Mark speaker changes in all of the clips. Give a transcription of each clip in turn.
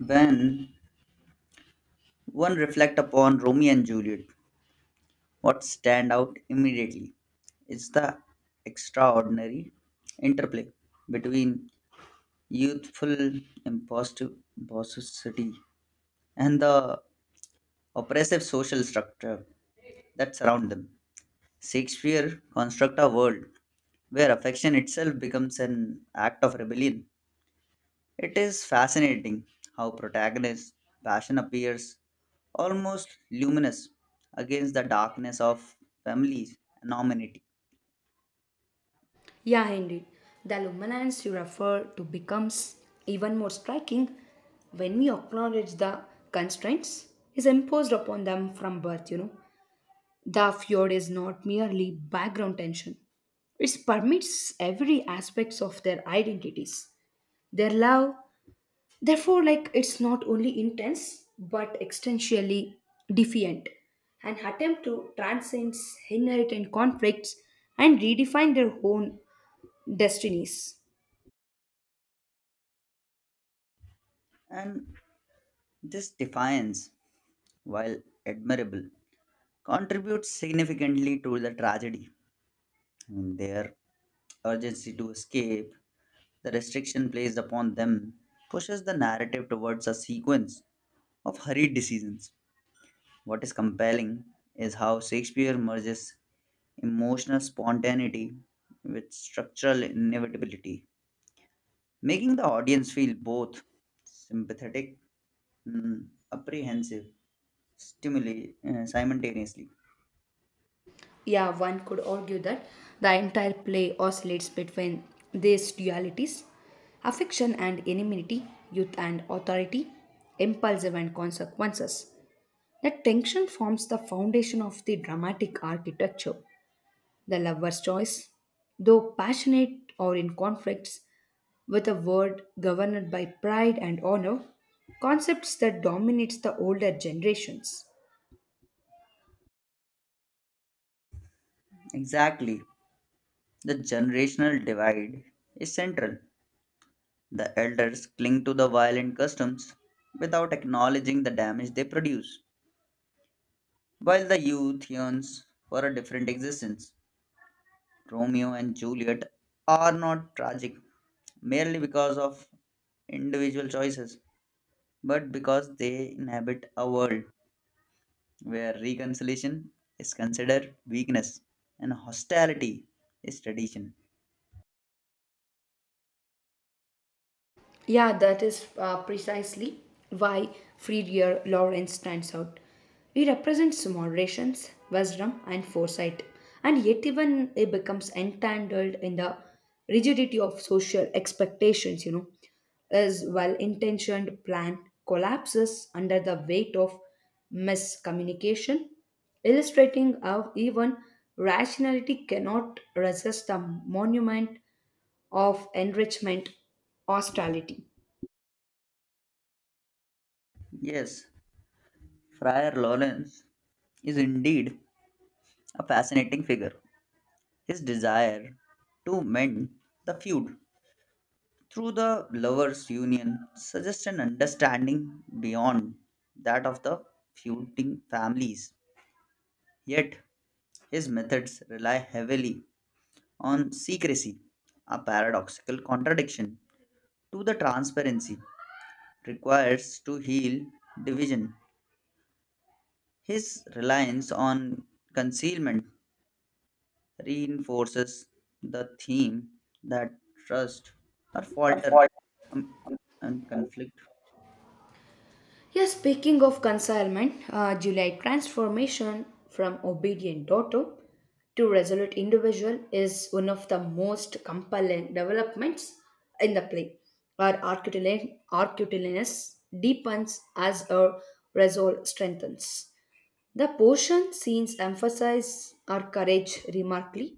Speaker 1: When one reflect upon Romeo and Juliet, what stand out immediately is the extraordinary interplay between youthful impulsivity and the oppressive social structure that surround them. Shakespeare constructs a world where affection itself becomes an act of rebellion. It is fascinating how protagonist's passion appears almost luminous against the darkness of families and nominality.
Speaker 2: Yeah, indeed. The luminance you refer to becomes even more striking when we acknowledge the constraints is imposed upon them from birth, you know. The fjord is not merely background tension. It permits every aspects of their identities. Their love, therefore, like it's not only intense but existentially defiant and attempt to transcend inherent conflicts and redefine their own destinies.
Speaker 1: And this defiance, while admirable, contributes significantly to the tragedy. And their urgency to escape, the restriction placed upon them, pushes the narrative towards a sequence of hurried decisions. What is compelling is how Shakespeare merges emotional spontaneity with structural inevitability, making the audience feel both sympathetic and apprehensive stimuli simultaneously.
Speaker 2: Yeah, one could argue that the entire play oscillates between these dualities affection and enmity, youth and authority, impulsive and consequences. That tension forms the foundation of the dramatic architecture. The lover's choice, though passionate or in conflicts with a world governed by pride and honor, concepts that dominates the older generations.
Speaker 1: Exactly, the generational divide is central. The elders cling to the violent customs without acknowledging the damage they produce, while the youth yearns for a different existence. Romeo and Juliet are not tragic merely because of individual choices, but because they inhabit a world where reconciliation is considered weakness and hostility is tradition.
Speaker 2: Yeah, that is precisely why Friedrich Lawrence stands out. He represents moderation, wisdom, and foresight, and yet even he becomes entangled in the rigidity of social expectations. You know, his well-intentioned plan collapses under the weight of miscommunication, illustrating how even rationality cannot resist the monument of enrichment hostility.
Speaker 1: Yes, Friar Lawrence is indeed a fascinating figure. His desire to mend the feud through the lovers' union suggests an understanding beyond that of the feuding families. Yet, his methods rely heavily on secrecy, a paradoxical contradiction to the transparency requires to heal division. His reliance on concealment reinforces the theme that trust or falter
Speaker 2: Unfortunately,
Speaker 1: um, and conflict.
Speaker 2: yeah, speaking of consignment, July transformation from obedient daughter to resolute individual is one of the most compelling developments in the play. Our arcutulinous deepens as our resolve strengthens. The portion scenes emphasize our courage remarkably.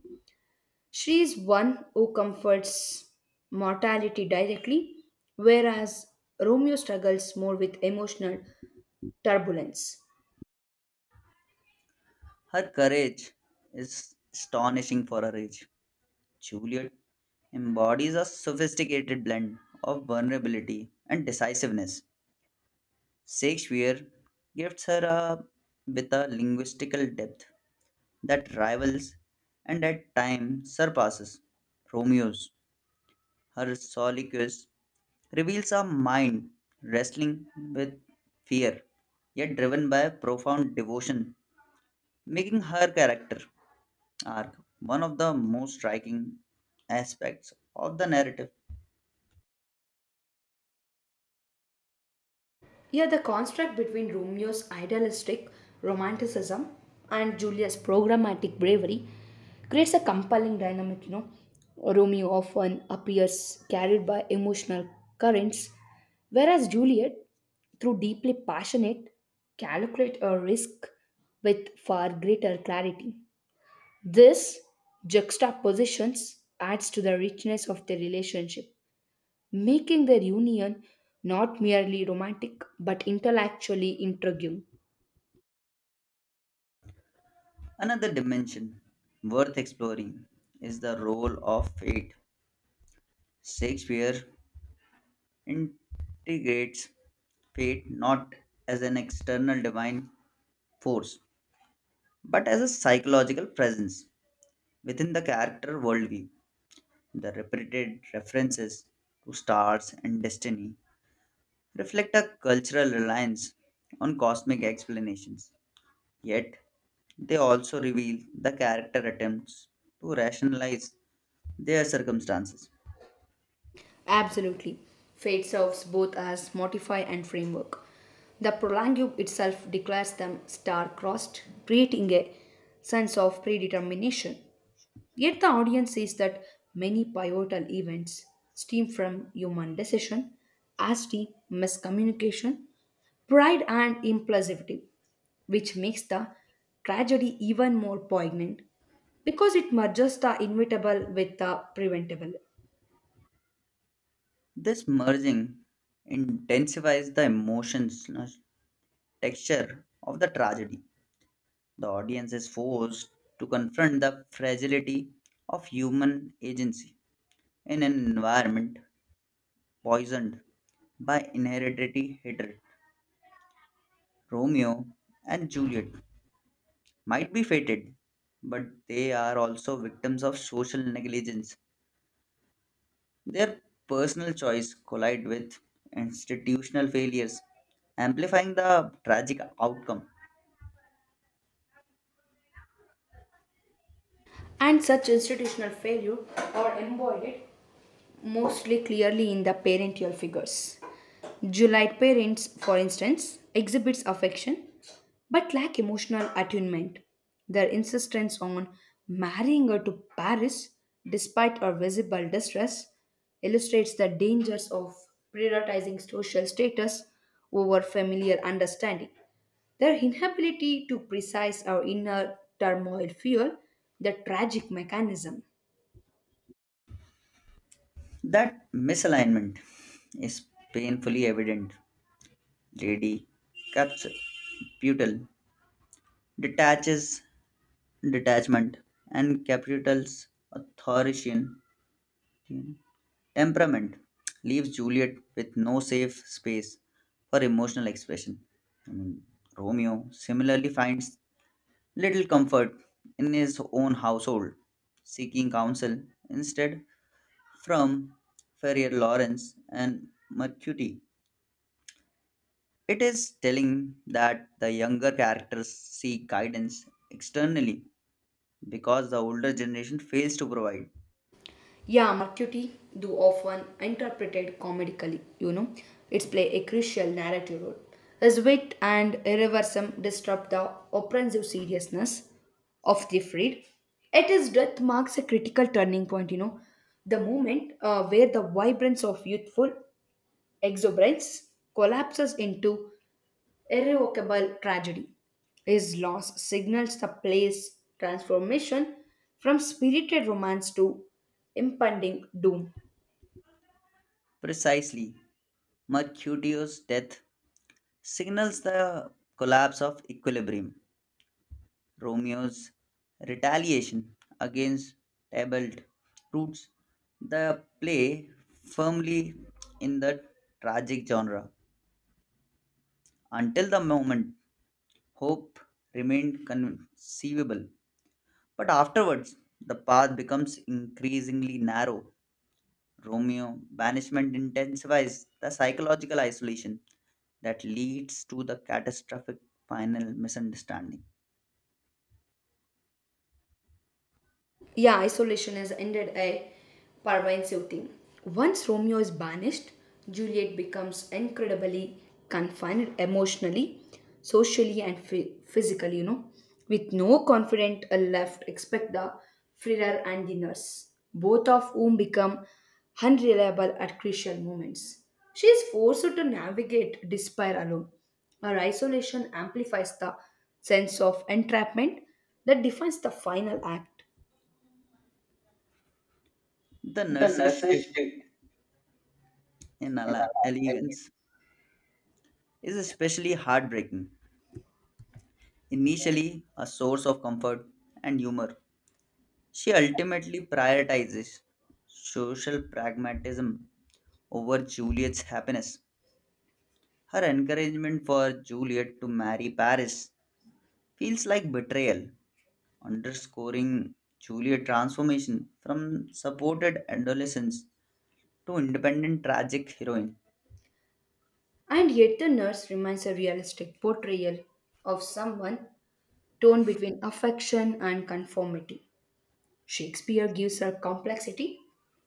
Speaker 2: She is one who comforts mortality directly, whereas Romeo struggles more with emotional turbulence.
Speaker 1: Her courage is astonishing for her age. Juliet embodies a sophisticated blend of vulnerability and decisiveness. Shakespeare gifts her a, with a linguistical depth that rivals and at times surpasses Romeo's. Her soliloquies reveals a mind wrestling with fear, yet driven by profound devotion, making her character arc one of the most striking aspects of the narrative.
Speaker 2: Here, the contrast between Romeo's idealistic romanticism and Julia's programmatic bravery creates a compelling dynamic. You know, Romeo often appears carried by emotional currents, whereas Juliet, through deeply passionate, calculate a risk with far greater clarity. This juxtapositions adds to the richness of their relationship, making their union not merely romantic but intellectually intriguing.
Speaker 1: Another dimension worth exploring is the role of fate. Shakespeare integrates fate not as an external divine force, but as a psychological presence within the character worldview. The repeated references to stars and destiny reflect a cultural reliance on cosmic explanations, yet, they also reveal the character attempts to rationalize their circumstances.
Speaker 2: Absolutely. Fate serves both as modify and framework. The prologue itself declares them star-crossed, creating a sense of predetermination. Yet the audience sees that many pivotal events stem from human decision, as did miscommunication, pride, and impulsivity, which makes the tragedy even more poignant because it merges the inevitable with the preventable.
Speaker 1: This merging intensifies the emotional texture of the tragedy. The audience is forced to confront the fragility of human agency in an environment poisoned by inherited hatred. Romeo and Juliet might be fated, but they are also victims of social negligence. Their personal choice collide with institutional failures, amplifying the tragic outcome.
Speaker 2: And such institutional failure are embodied mostly clearly in the parental figures. Juliet parents, for instance, exhibits affection but lack emotional attunement. Their insistence on marrying her to Paris despite her visible distress illustrates the dangers of prioritizing social status over familiar understanding. Their inability to precise our inner turmoil fuel the tragic mechanism.
Speaker 1: That misalignment is painfully evident lady caps putal detaches detachment and capital's authoritarian temperament leaves Juliet with no safe space for emotional expression. I mean, Romeo similarly finds little comfort in his own household, seeking counsel instead from Ferrier Lawrence and Mercury. It is telling that the younger characters seek guidance externally because the older generation fails to provide.
Speaker 2: Yeah, Mercury do often interpreted comedically, you know. It's play a crucial narrative role. His wit and irreversum disrupt the oppressive seriousness of the freed. At his death marks a critical turning point, you know, the moment where the vibrance of youthful exuberance collapses into irrevocable tragedy. His loss signals the play's transformation from spirited romance to impending doom.
Speaker 1: Precisely, Mercutio's death signals the collapse of equilibrium. Romeo's retaliation against Tybalt roots the play firmly in the tragic genre. Until the moment, hope remained conceivable. But afterwards, the path becomes increasingly narrow. Romeo banishment intensifies the psychological isolation that leads to the catastrophic final misunderstanding.
Speaker 2: Yeah, isolation has ended a Parvine Sutin. Once Romeo is banished, Juliet becomes incredibly confined emotionally, socially, and physically, you know, with no confidant left except the Friar and the nurse, both of whom become unreliable at crucial moments. She is forced to navigate despair alone. Her isolation amplifies the sense of entrapment that defines the final act.
Speaker 1: The
Speaker 2: The
Speaker 1: nurse's
Speaker 2: nurses
Speaker 1: shift
Speaker 2: strict
Speaker 1: in
Speaker 2: in Alaska.
Speaker 1: elegance is especially heartbreaking. Initially, a source of comfort and humor, she ultimately prioritizes social pragmatism over Juliet's happiness. Her encouragement for Juliet to marry Paris feels like betrayal, underscoring Juliet's transformation from supported adolescence to independent tragic heroine.
Speaker 2: And yet, the nurse remains a realistic portrayal of someone torn between affection and conformity. Shakespeare gives her complexity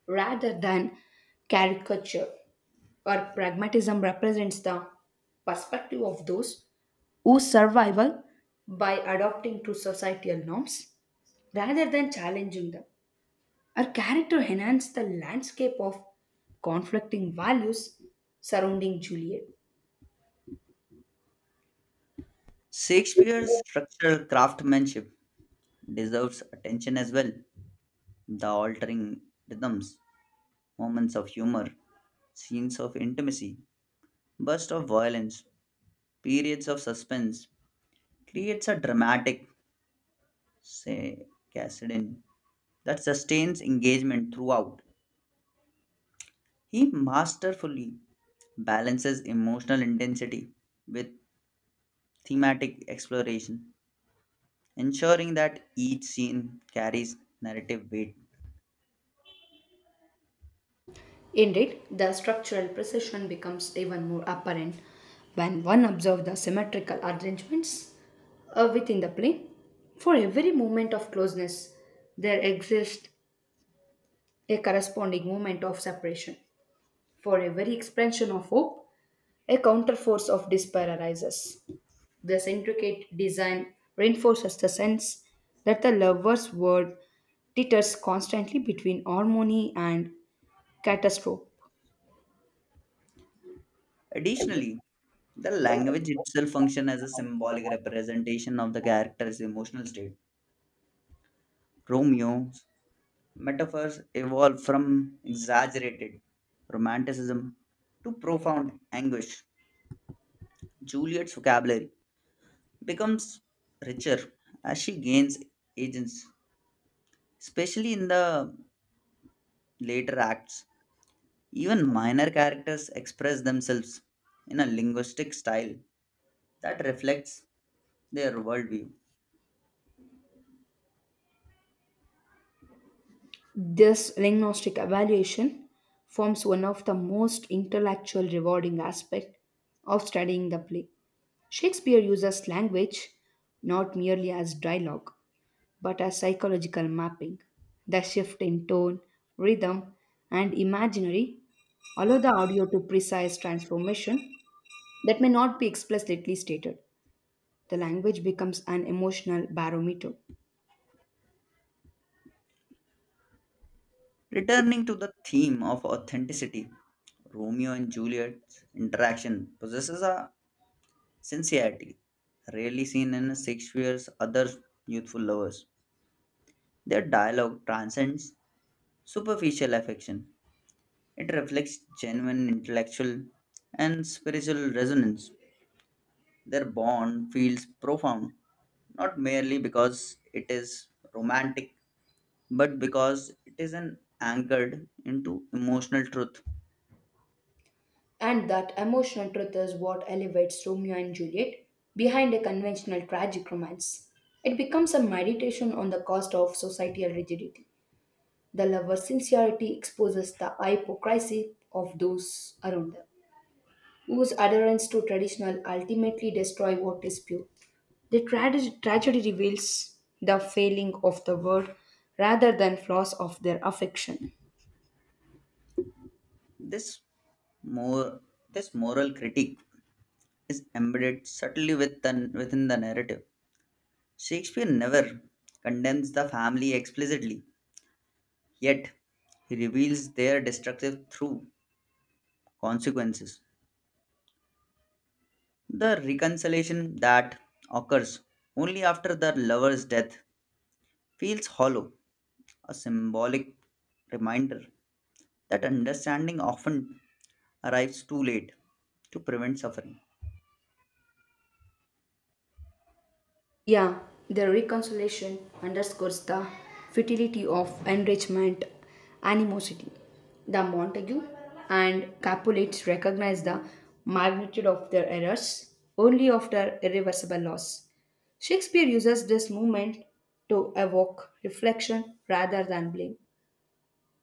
Speaker 2: rather than caricature. Her pragmatism represents the perspective of those whose survival by adopting to societal norms rather than challenging them. Her character enhanced the landscape of conflicting values surrounding Juliet.
Speaker 1: Shakespeare's structural craftsmanship deserves attention as well. The altering rhythms, moments of humor, scenes of intimacy, bursts of violence, periods of suspense creates a dramatic, say, cascade that sustains engagement throughout. He masterfully balances emotional intensity with thematic exploration, ensuring that each scene carries narrative weight.
Speaker 2: Indeed, the structural precision becomes even more apparent when one observes the symmetrical arrangements within the plane. For every moment of closeness, there exists a corresponding moment of separation. For every expansion of hope, a counterforce of despair arises. This intricate design reinforces the sense that the lover's world teeters constantly between harmony and catastrophe.
Speaker 1: Additionally, the language itself functions as a symbolic representation of the character's emotional state. Romeo's metaphors evolve from exaggerated romanticism to profound anguish. Juliet's vocabulary becomes richer as she gains agency, especially in the later acts. Even minor characters express themselves in a linguistic style that reflects their worldview.
Speaker 2: This diagnostic evaluation forms one of the most intellectual rewarding aspect of studying the play. Shakespeare uses language not merely as dialogue, but as psychological mapping. The shift in tone, rhythm, and imaginary allow the audio to precise transformation that may not be explicitly stated. The language becomes an emotional barometer.
Speaker 1: Returning to the theme of authenticity, Romeo and Juliet's interaction possesses a sincerity rarely seen in Shakespeare's other youthful lovers. Their dialogue transcends superficial affection, it reflects genuine intellectual and spiritual resonance. Their bond feels profound, not merely because it is romantic, but because it is an anchored into emotional truth.
Speaker 2: And that emotional truth is what elevates Romeo and Juliet behind a conventional tragic romance. It becomes a meditation on the cost of societal rigidity. The lover's sincerity exposes the hypocrisy of those around them, whose adherence to traditional ultimately destroy what is pure. The tragedy reveals the failing of the world rather than flaws of their affection.
Speaker 1: This more this moral critique is embedded subtly within the narrative. Shakespeare never condemns the family explicitly, yet he reveals their destructive through consequences. The reconciliation that occurs only after the lover's death feels hollow, a symbolic reminder that understanding often arrives too late to prevent suffering.
Speaker 2: Yeah, the reconciliation underscores the futility of enrichment animosity. The Montague and Capulets recognize the magnitude of their errors only after irreversible loss. Shakespeare uses this movement to evoke reflection rather than blame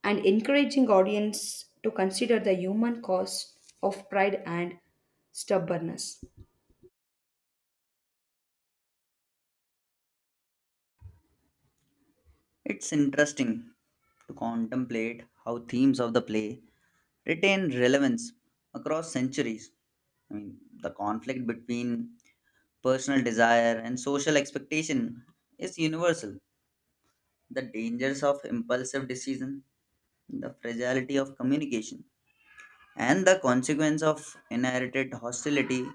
Speaker 2: and encouraging audience to consider the human cost of pride and stubbornness.
Speaker 1: It's interesting to contemplate how themes of the play retain relevance across centuries. I mean, the conflict between personal desire and social expectation is universal. The dangers of impulsive decision, the fragility of communication, and the consequence of inherited hostility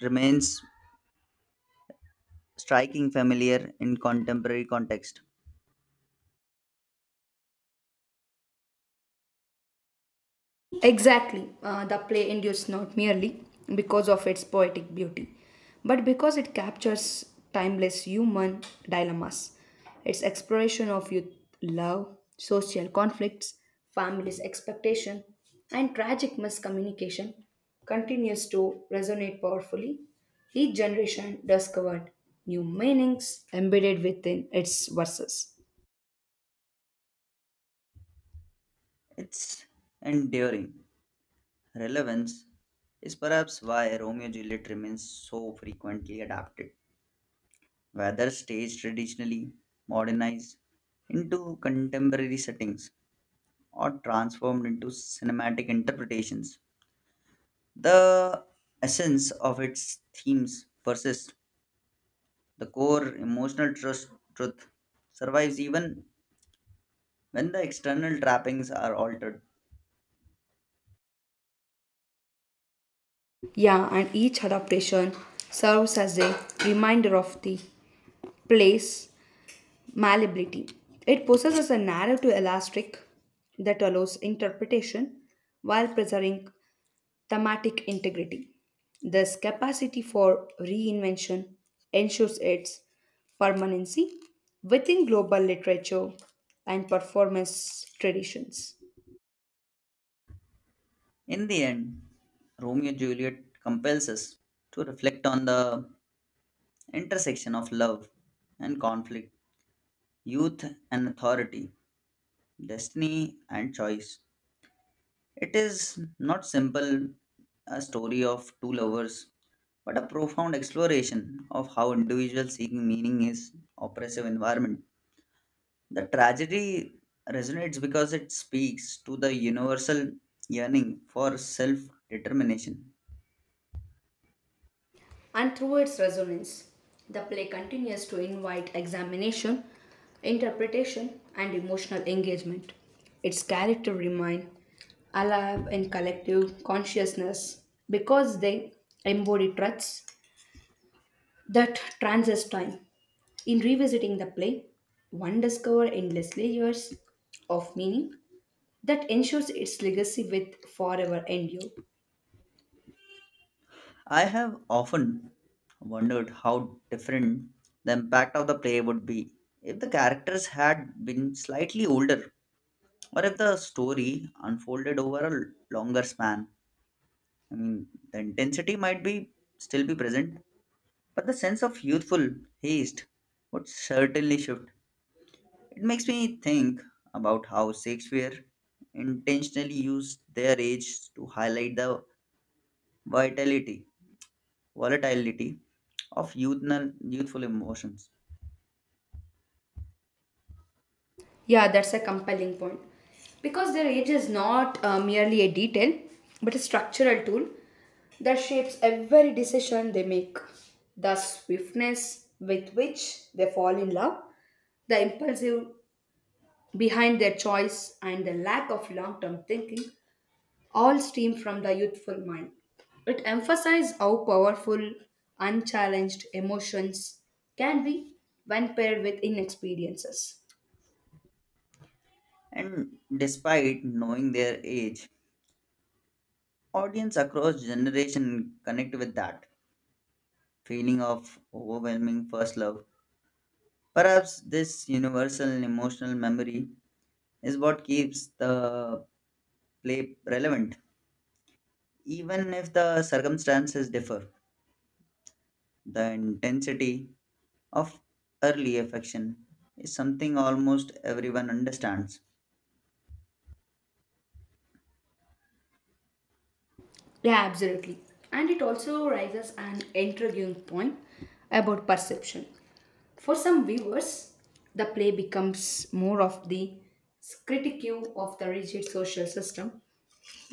Speaker 1: remains striking familiar in contemporary context.
Speaker 2: Exactly. The play endures not merely because of its poetic beauty, but because it captures timeless human dilemmas. Its exploration of youth love, social conflicts, family's expectation, and tragic miscommunication continues to resonate powerfully. Each generation discovered new meanings embedded within its verses.
Speaker 1: Its enduring relevance is perhaps why Romeo and Juliet remains so frequently adapted, whether staged traditionally, modernized into contemporary settings, or transformed into cinematic interpretations. The essence of its themes persists. The core emotional truth survives even when the external trappings are altered.
Speaker 2: Yeah, and each adaptation serves as a reminder of the play's malleability. It possesses a narrow to elastic that allows interpretation while preserving thematic integrity. This capacity for reinvention ensures its permanency within global literature and performance traditions.
Speaker 1: In the end, Romeo and Juliet compels us to reflect on the intersection of love and conflict, youth and authority, destiny and choice. It is not simple a story of two lovers, but a profound exploration of how individuals seeking meaning is oppressive environment. The tragedy resonates because it speaks to the universal yearning for self-determination.
Speaker 2: And through its resonance, the play continues to invite examination, interpretation, and emotional engagement. Its characters remain alive in collective consciousness because they embody truths that transcend time. In revisiting the play, one discovers endless layers of meaning that ensures its legacy with forever endure.
Speaker 1: I have often wondered how different the impact of the play would be if the characters had been slightly older or if the story unfolded over a longer span. I mean, the intensity might be still be present, but the sense of youthful haste would certainly shift. It makes me think about how Shakespeare intentionally used their age to highlight the vitality volatility of youthful emotions.
Speaker 2: Yeah, that's a compelling point. Because their age is not merely a detail, but a structural tool that shapes every decision they make. The swiftness with which they fall in love, the impulsive behind their choice, and the lack of long term thinking all stem from the youthful mind. It emphasizes how powerful, unchallenged emotions can be when paired with inexperiences.
Speaker 1: And despite knowing their age, audience across generation connect with that feeling of overwhelming first love. Perhaps this universal emotional memory is what keeps the play relevant. Even if the circumstances differ, the intensity of early affection is something almost everyone understands.
Speaker 2: Yeah, absolutely. And it also raises an intriguing point about perception. For some viewers, the play becomes more of the critique of the rigid social system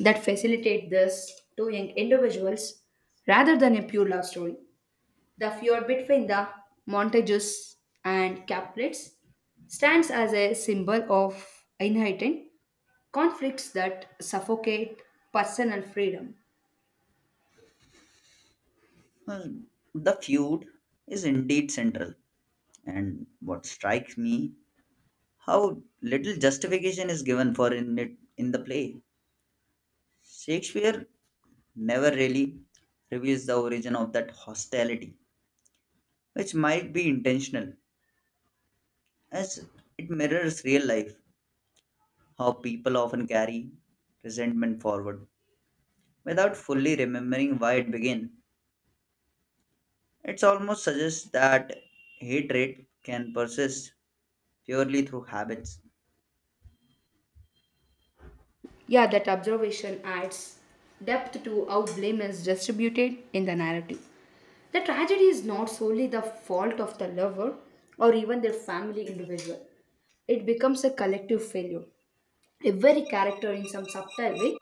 Speaker 2: that facilitate this to young individuals rather than a pure love story. The feud between the Montages and Capulets stands as a symbol of inherent conflicts that suffocate personal freedom.
Speaker 1: Well, the feud is indeed central, and what strikes me how little justification is given for in it in the play. Shakespeare never really reveals the origin of that hostility, which might be intentional, as it mirrors real life, how people often carry resentment forward without fully remembering why it began. It almost suggests that hatred can persist purely through habits.
Speaker 2: Yeah, that observation adds depth to how blame is distributed in the narrative. The tragedy is not solely the fault of the lover or even their family individual, it becomes a collective failure. Every character, in some subtle way,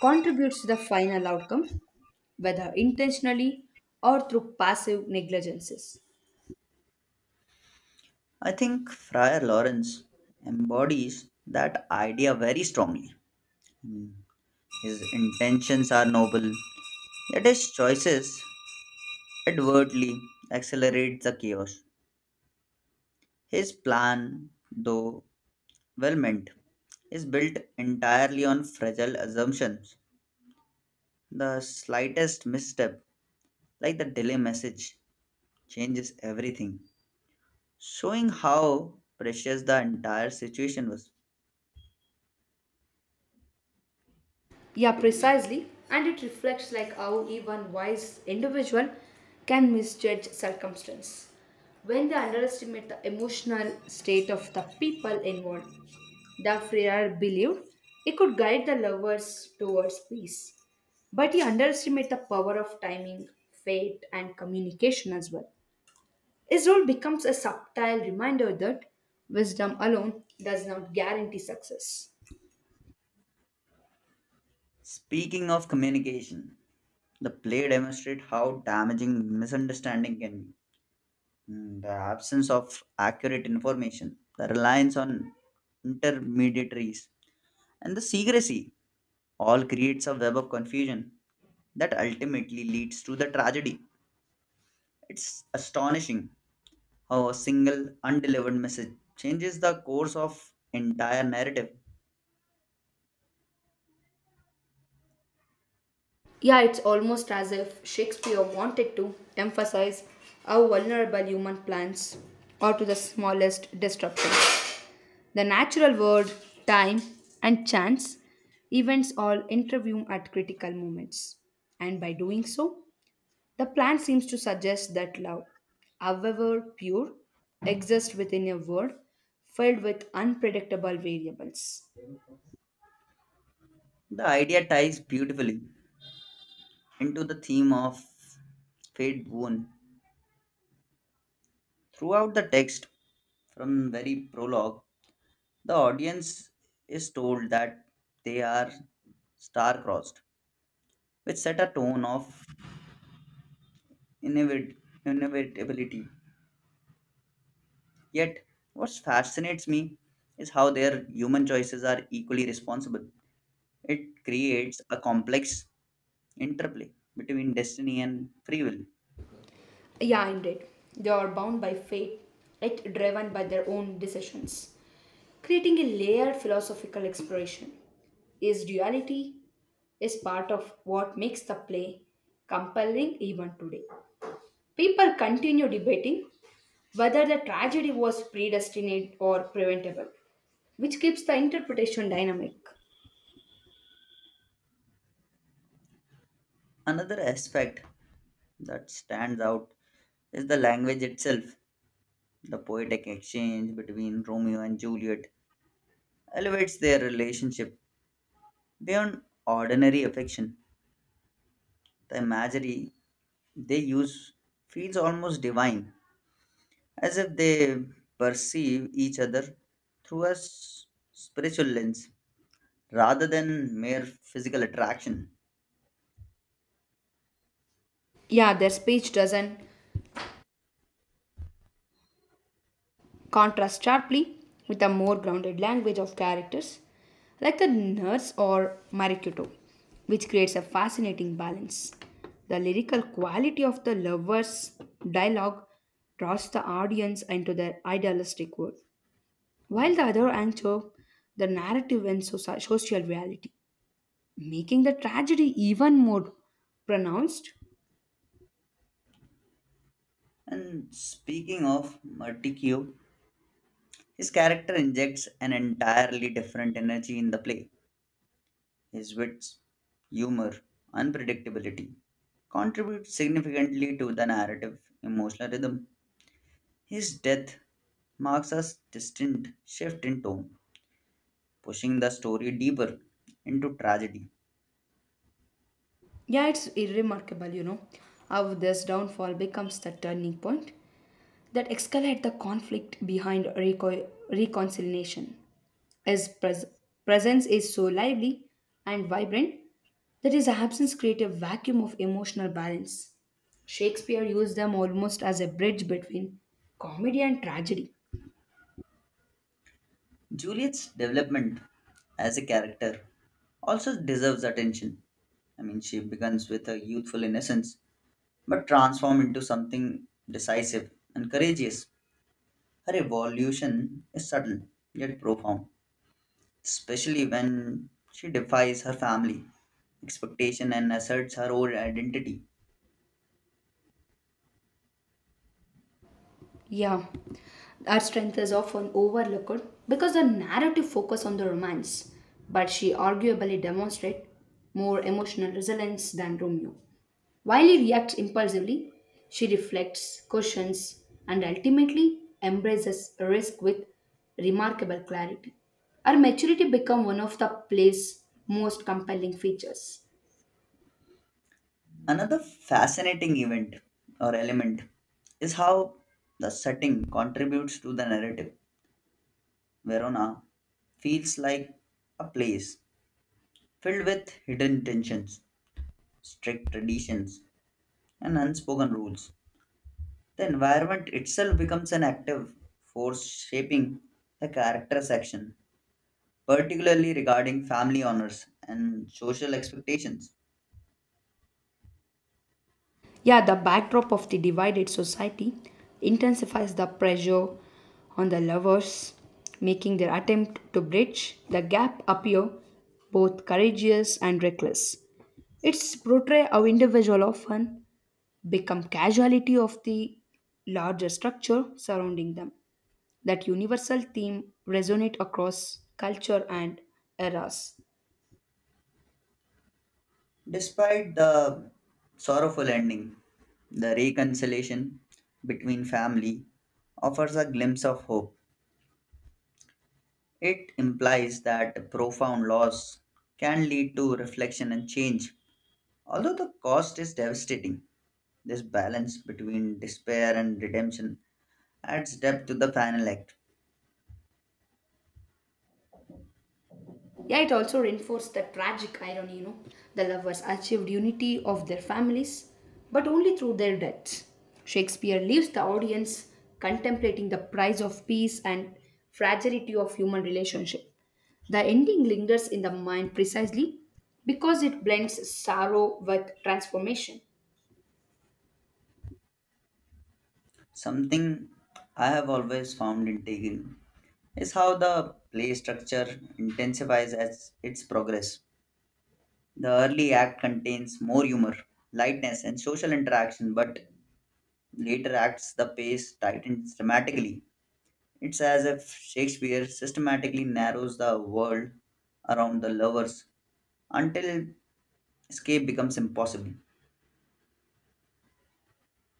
Speaker 2: contributes to the final outcome, whether intentionally or through passive negligences.
Speaker 1: I think Friar Lawrence embodies that idea very strongly. Mm. His intentions are noble, yet his choices advertly accelerate the chaos. His plan, though well meant, is built entirely on fragile assumptions. The slightest misstep, like the delay message, changes everything, showing how precious the entire situation was.
Speaker 2: Yeah, precisely. And it reflects like how even wise individual can misjudge circumstance when they underestimate the emotional state of the people involved. The Freer believed he could guide the lovers towards peace, but he underestimated the power of timing, fate, and communication as well. His role becomes a subtle reminder that wisdom alone does not guarantee success.
Speaker 1: Speaking of communication, the play demonstrates how damaging misunderstanding can be. The absence of accurate information, the reliance on intermediaries, and the secrecy all creates a web of confusion that ultimately leads to the tragedy. It's astonishing how a single undelivered message changes the course of entire narrative.
Speaker 2: Yeah, it's almost as if Shakespeare wanted to emphasize how vulnerable human plans are to the smallest disruption. The natural world, time, and chance events all intervene at critical moments. And by doing so, the plant seems to suggest that love, however pure, exists within a world filled with unpredictable variables.
Speaker 1: The idea ties beautifully into the theme of fate wound. Throughout the text, from very prologue, the audience is told that they are star-crossed, which set a tone of inevit- inevitability. Yet, what fascinates me is how their human choices are equally responsible. It creates a complex interplay between destiny and free will.
Speaker 2: Yeah, indeed. They are bound by fate, yet driven by their own decisions. Creating a layered philosophical exploration is duality is part of what makes the play compelling even today. People continue debating whether the tragedy was predestined or preventable, which keeps the interpretation dynamic.
Speaker 1: Another aspect that stands out is the language itself, the poetic exchange between Romeo and Juliet elevates their relationship beyond ordinary affection. The imagery they use feels almost divine, as if they perceive each other through a spiritual lens rather than mere physical attraction.
Speaker 2: Yeah, their speech doesn't contrasts sharply with a more grounded language of characters like the Nurse or Marikuto, which creates a fascinating balance. The lyrical quality of the lovers' dialogue draws the audience into their idealistic world, while the other anchor the narrative and social reality, making the tragedy even more pronounced.
Speaker 1: And speaking of Merticchio, his character injects an entirely different energy in the play. His wits, humor, unpredictability contribute significantly to the narrative emotional rhythm. His death marks a distinct shift in tone, pushing the story deeper into tragedy.
Speaker 2: Yeah, it's remarkable, you know, how this downfall becomes the turning point that escalate the conflict behind reconciliation. His presence is so lively and vibrant that his absence creates a vacuum of emotional balance. Shakespeare used them almost as a bridge between comedy and tragedy.
Speaker 1: Juliet's development as a character also deserves attention. I mean, she begins with a youthful innocence but transforms into something decisive and courageous. Her evolution is subtle yet profound, especially when she defies her family expectation and asserts her own identity.
Speaker 2: Yeah, our strength is often overlooked because the narrative focus on the romance, but she arguably demonstrates more emotional resilience than Romeo. While he reacts impulsively, she reflects, cautions, and ultimately embraces risk with remarkable clarity. Her maturity becomes one of the play's most compelling features.
Speaker 1: Another fascinating event or element is how the setting contributes to the narrative. Verona feels like a place filled with hidden tensions, strict traditions, and unspoken rules. The environment itself becomes an active force shaping the character's action, particularly regarding family honors and social expectations.
Speaker 2: Yeah, the backdrop of the divided society intensifies the pressure on the lovers, making their attempt to bridge the gap appear both courageous and reckless. It's portray how individual often become casualty of the larger structure surrounding them. That universal theme resonate across culture and eras.
Speaker 1: Despite the sorrowful ending, the reconciliation between family offers a glimpse of hope. It implies that profound loss can lead to reflection and change. Although the cost is devastating, this balance between despair and redemption adds depth to the final act.
Speaker 2: Yeah, it also reinforced the tragic irony, you know. The lovers achieved unity of their families, but only through their deaths. Shakespeare leaves the audience contemplating the price of peace and fragility of human relationship. The ending lingers in the mind precisely because it blends sorrow with transformation.
Speaker 1: Something I have always found intriguing is how the play structure intensifies as its progress. The early act contains more humor, lightness, and social interaction, but later acts the pace tightens dramatically. It's as if Shakespeare systematically narrows the world around the lovers until escape becomes impossible.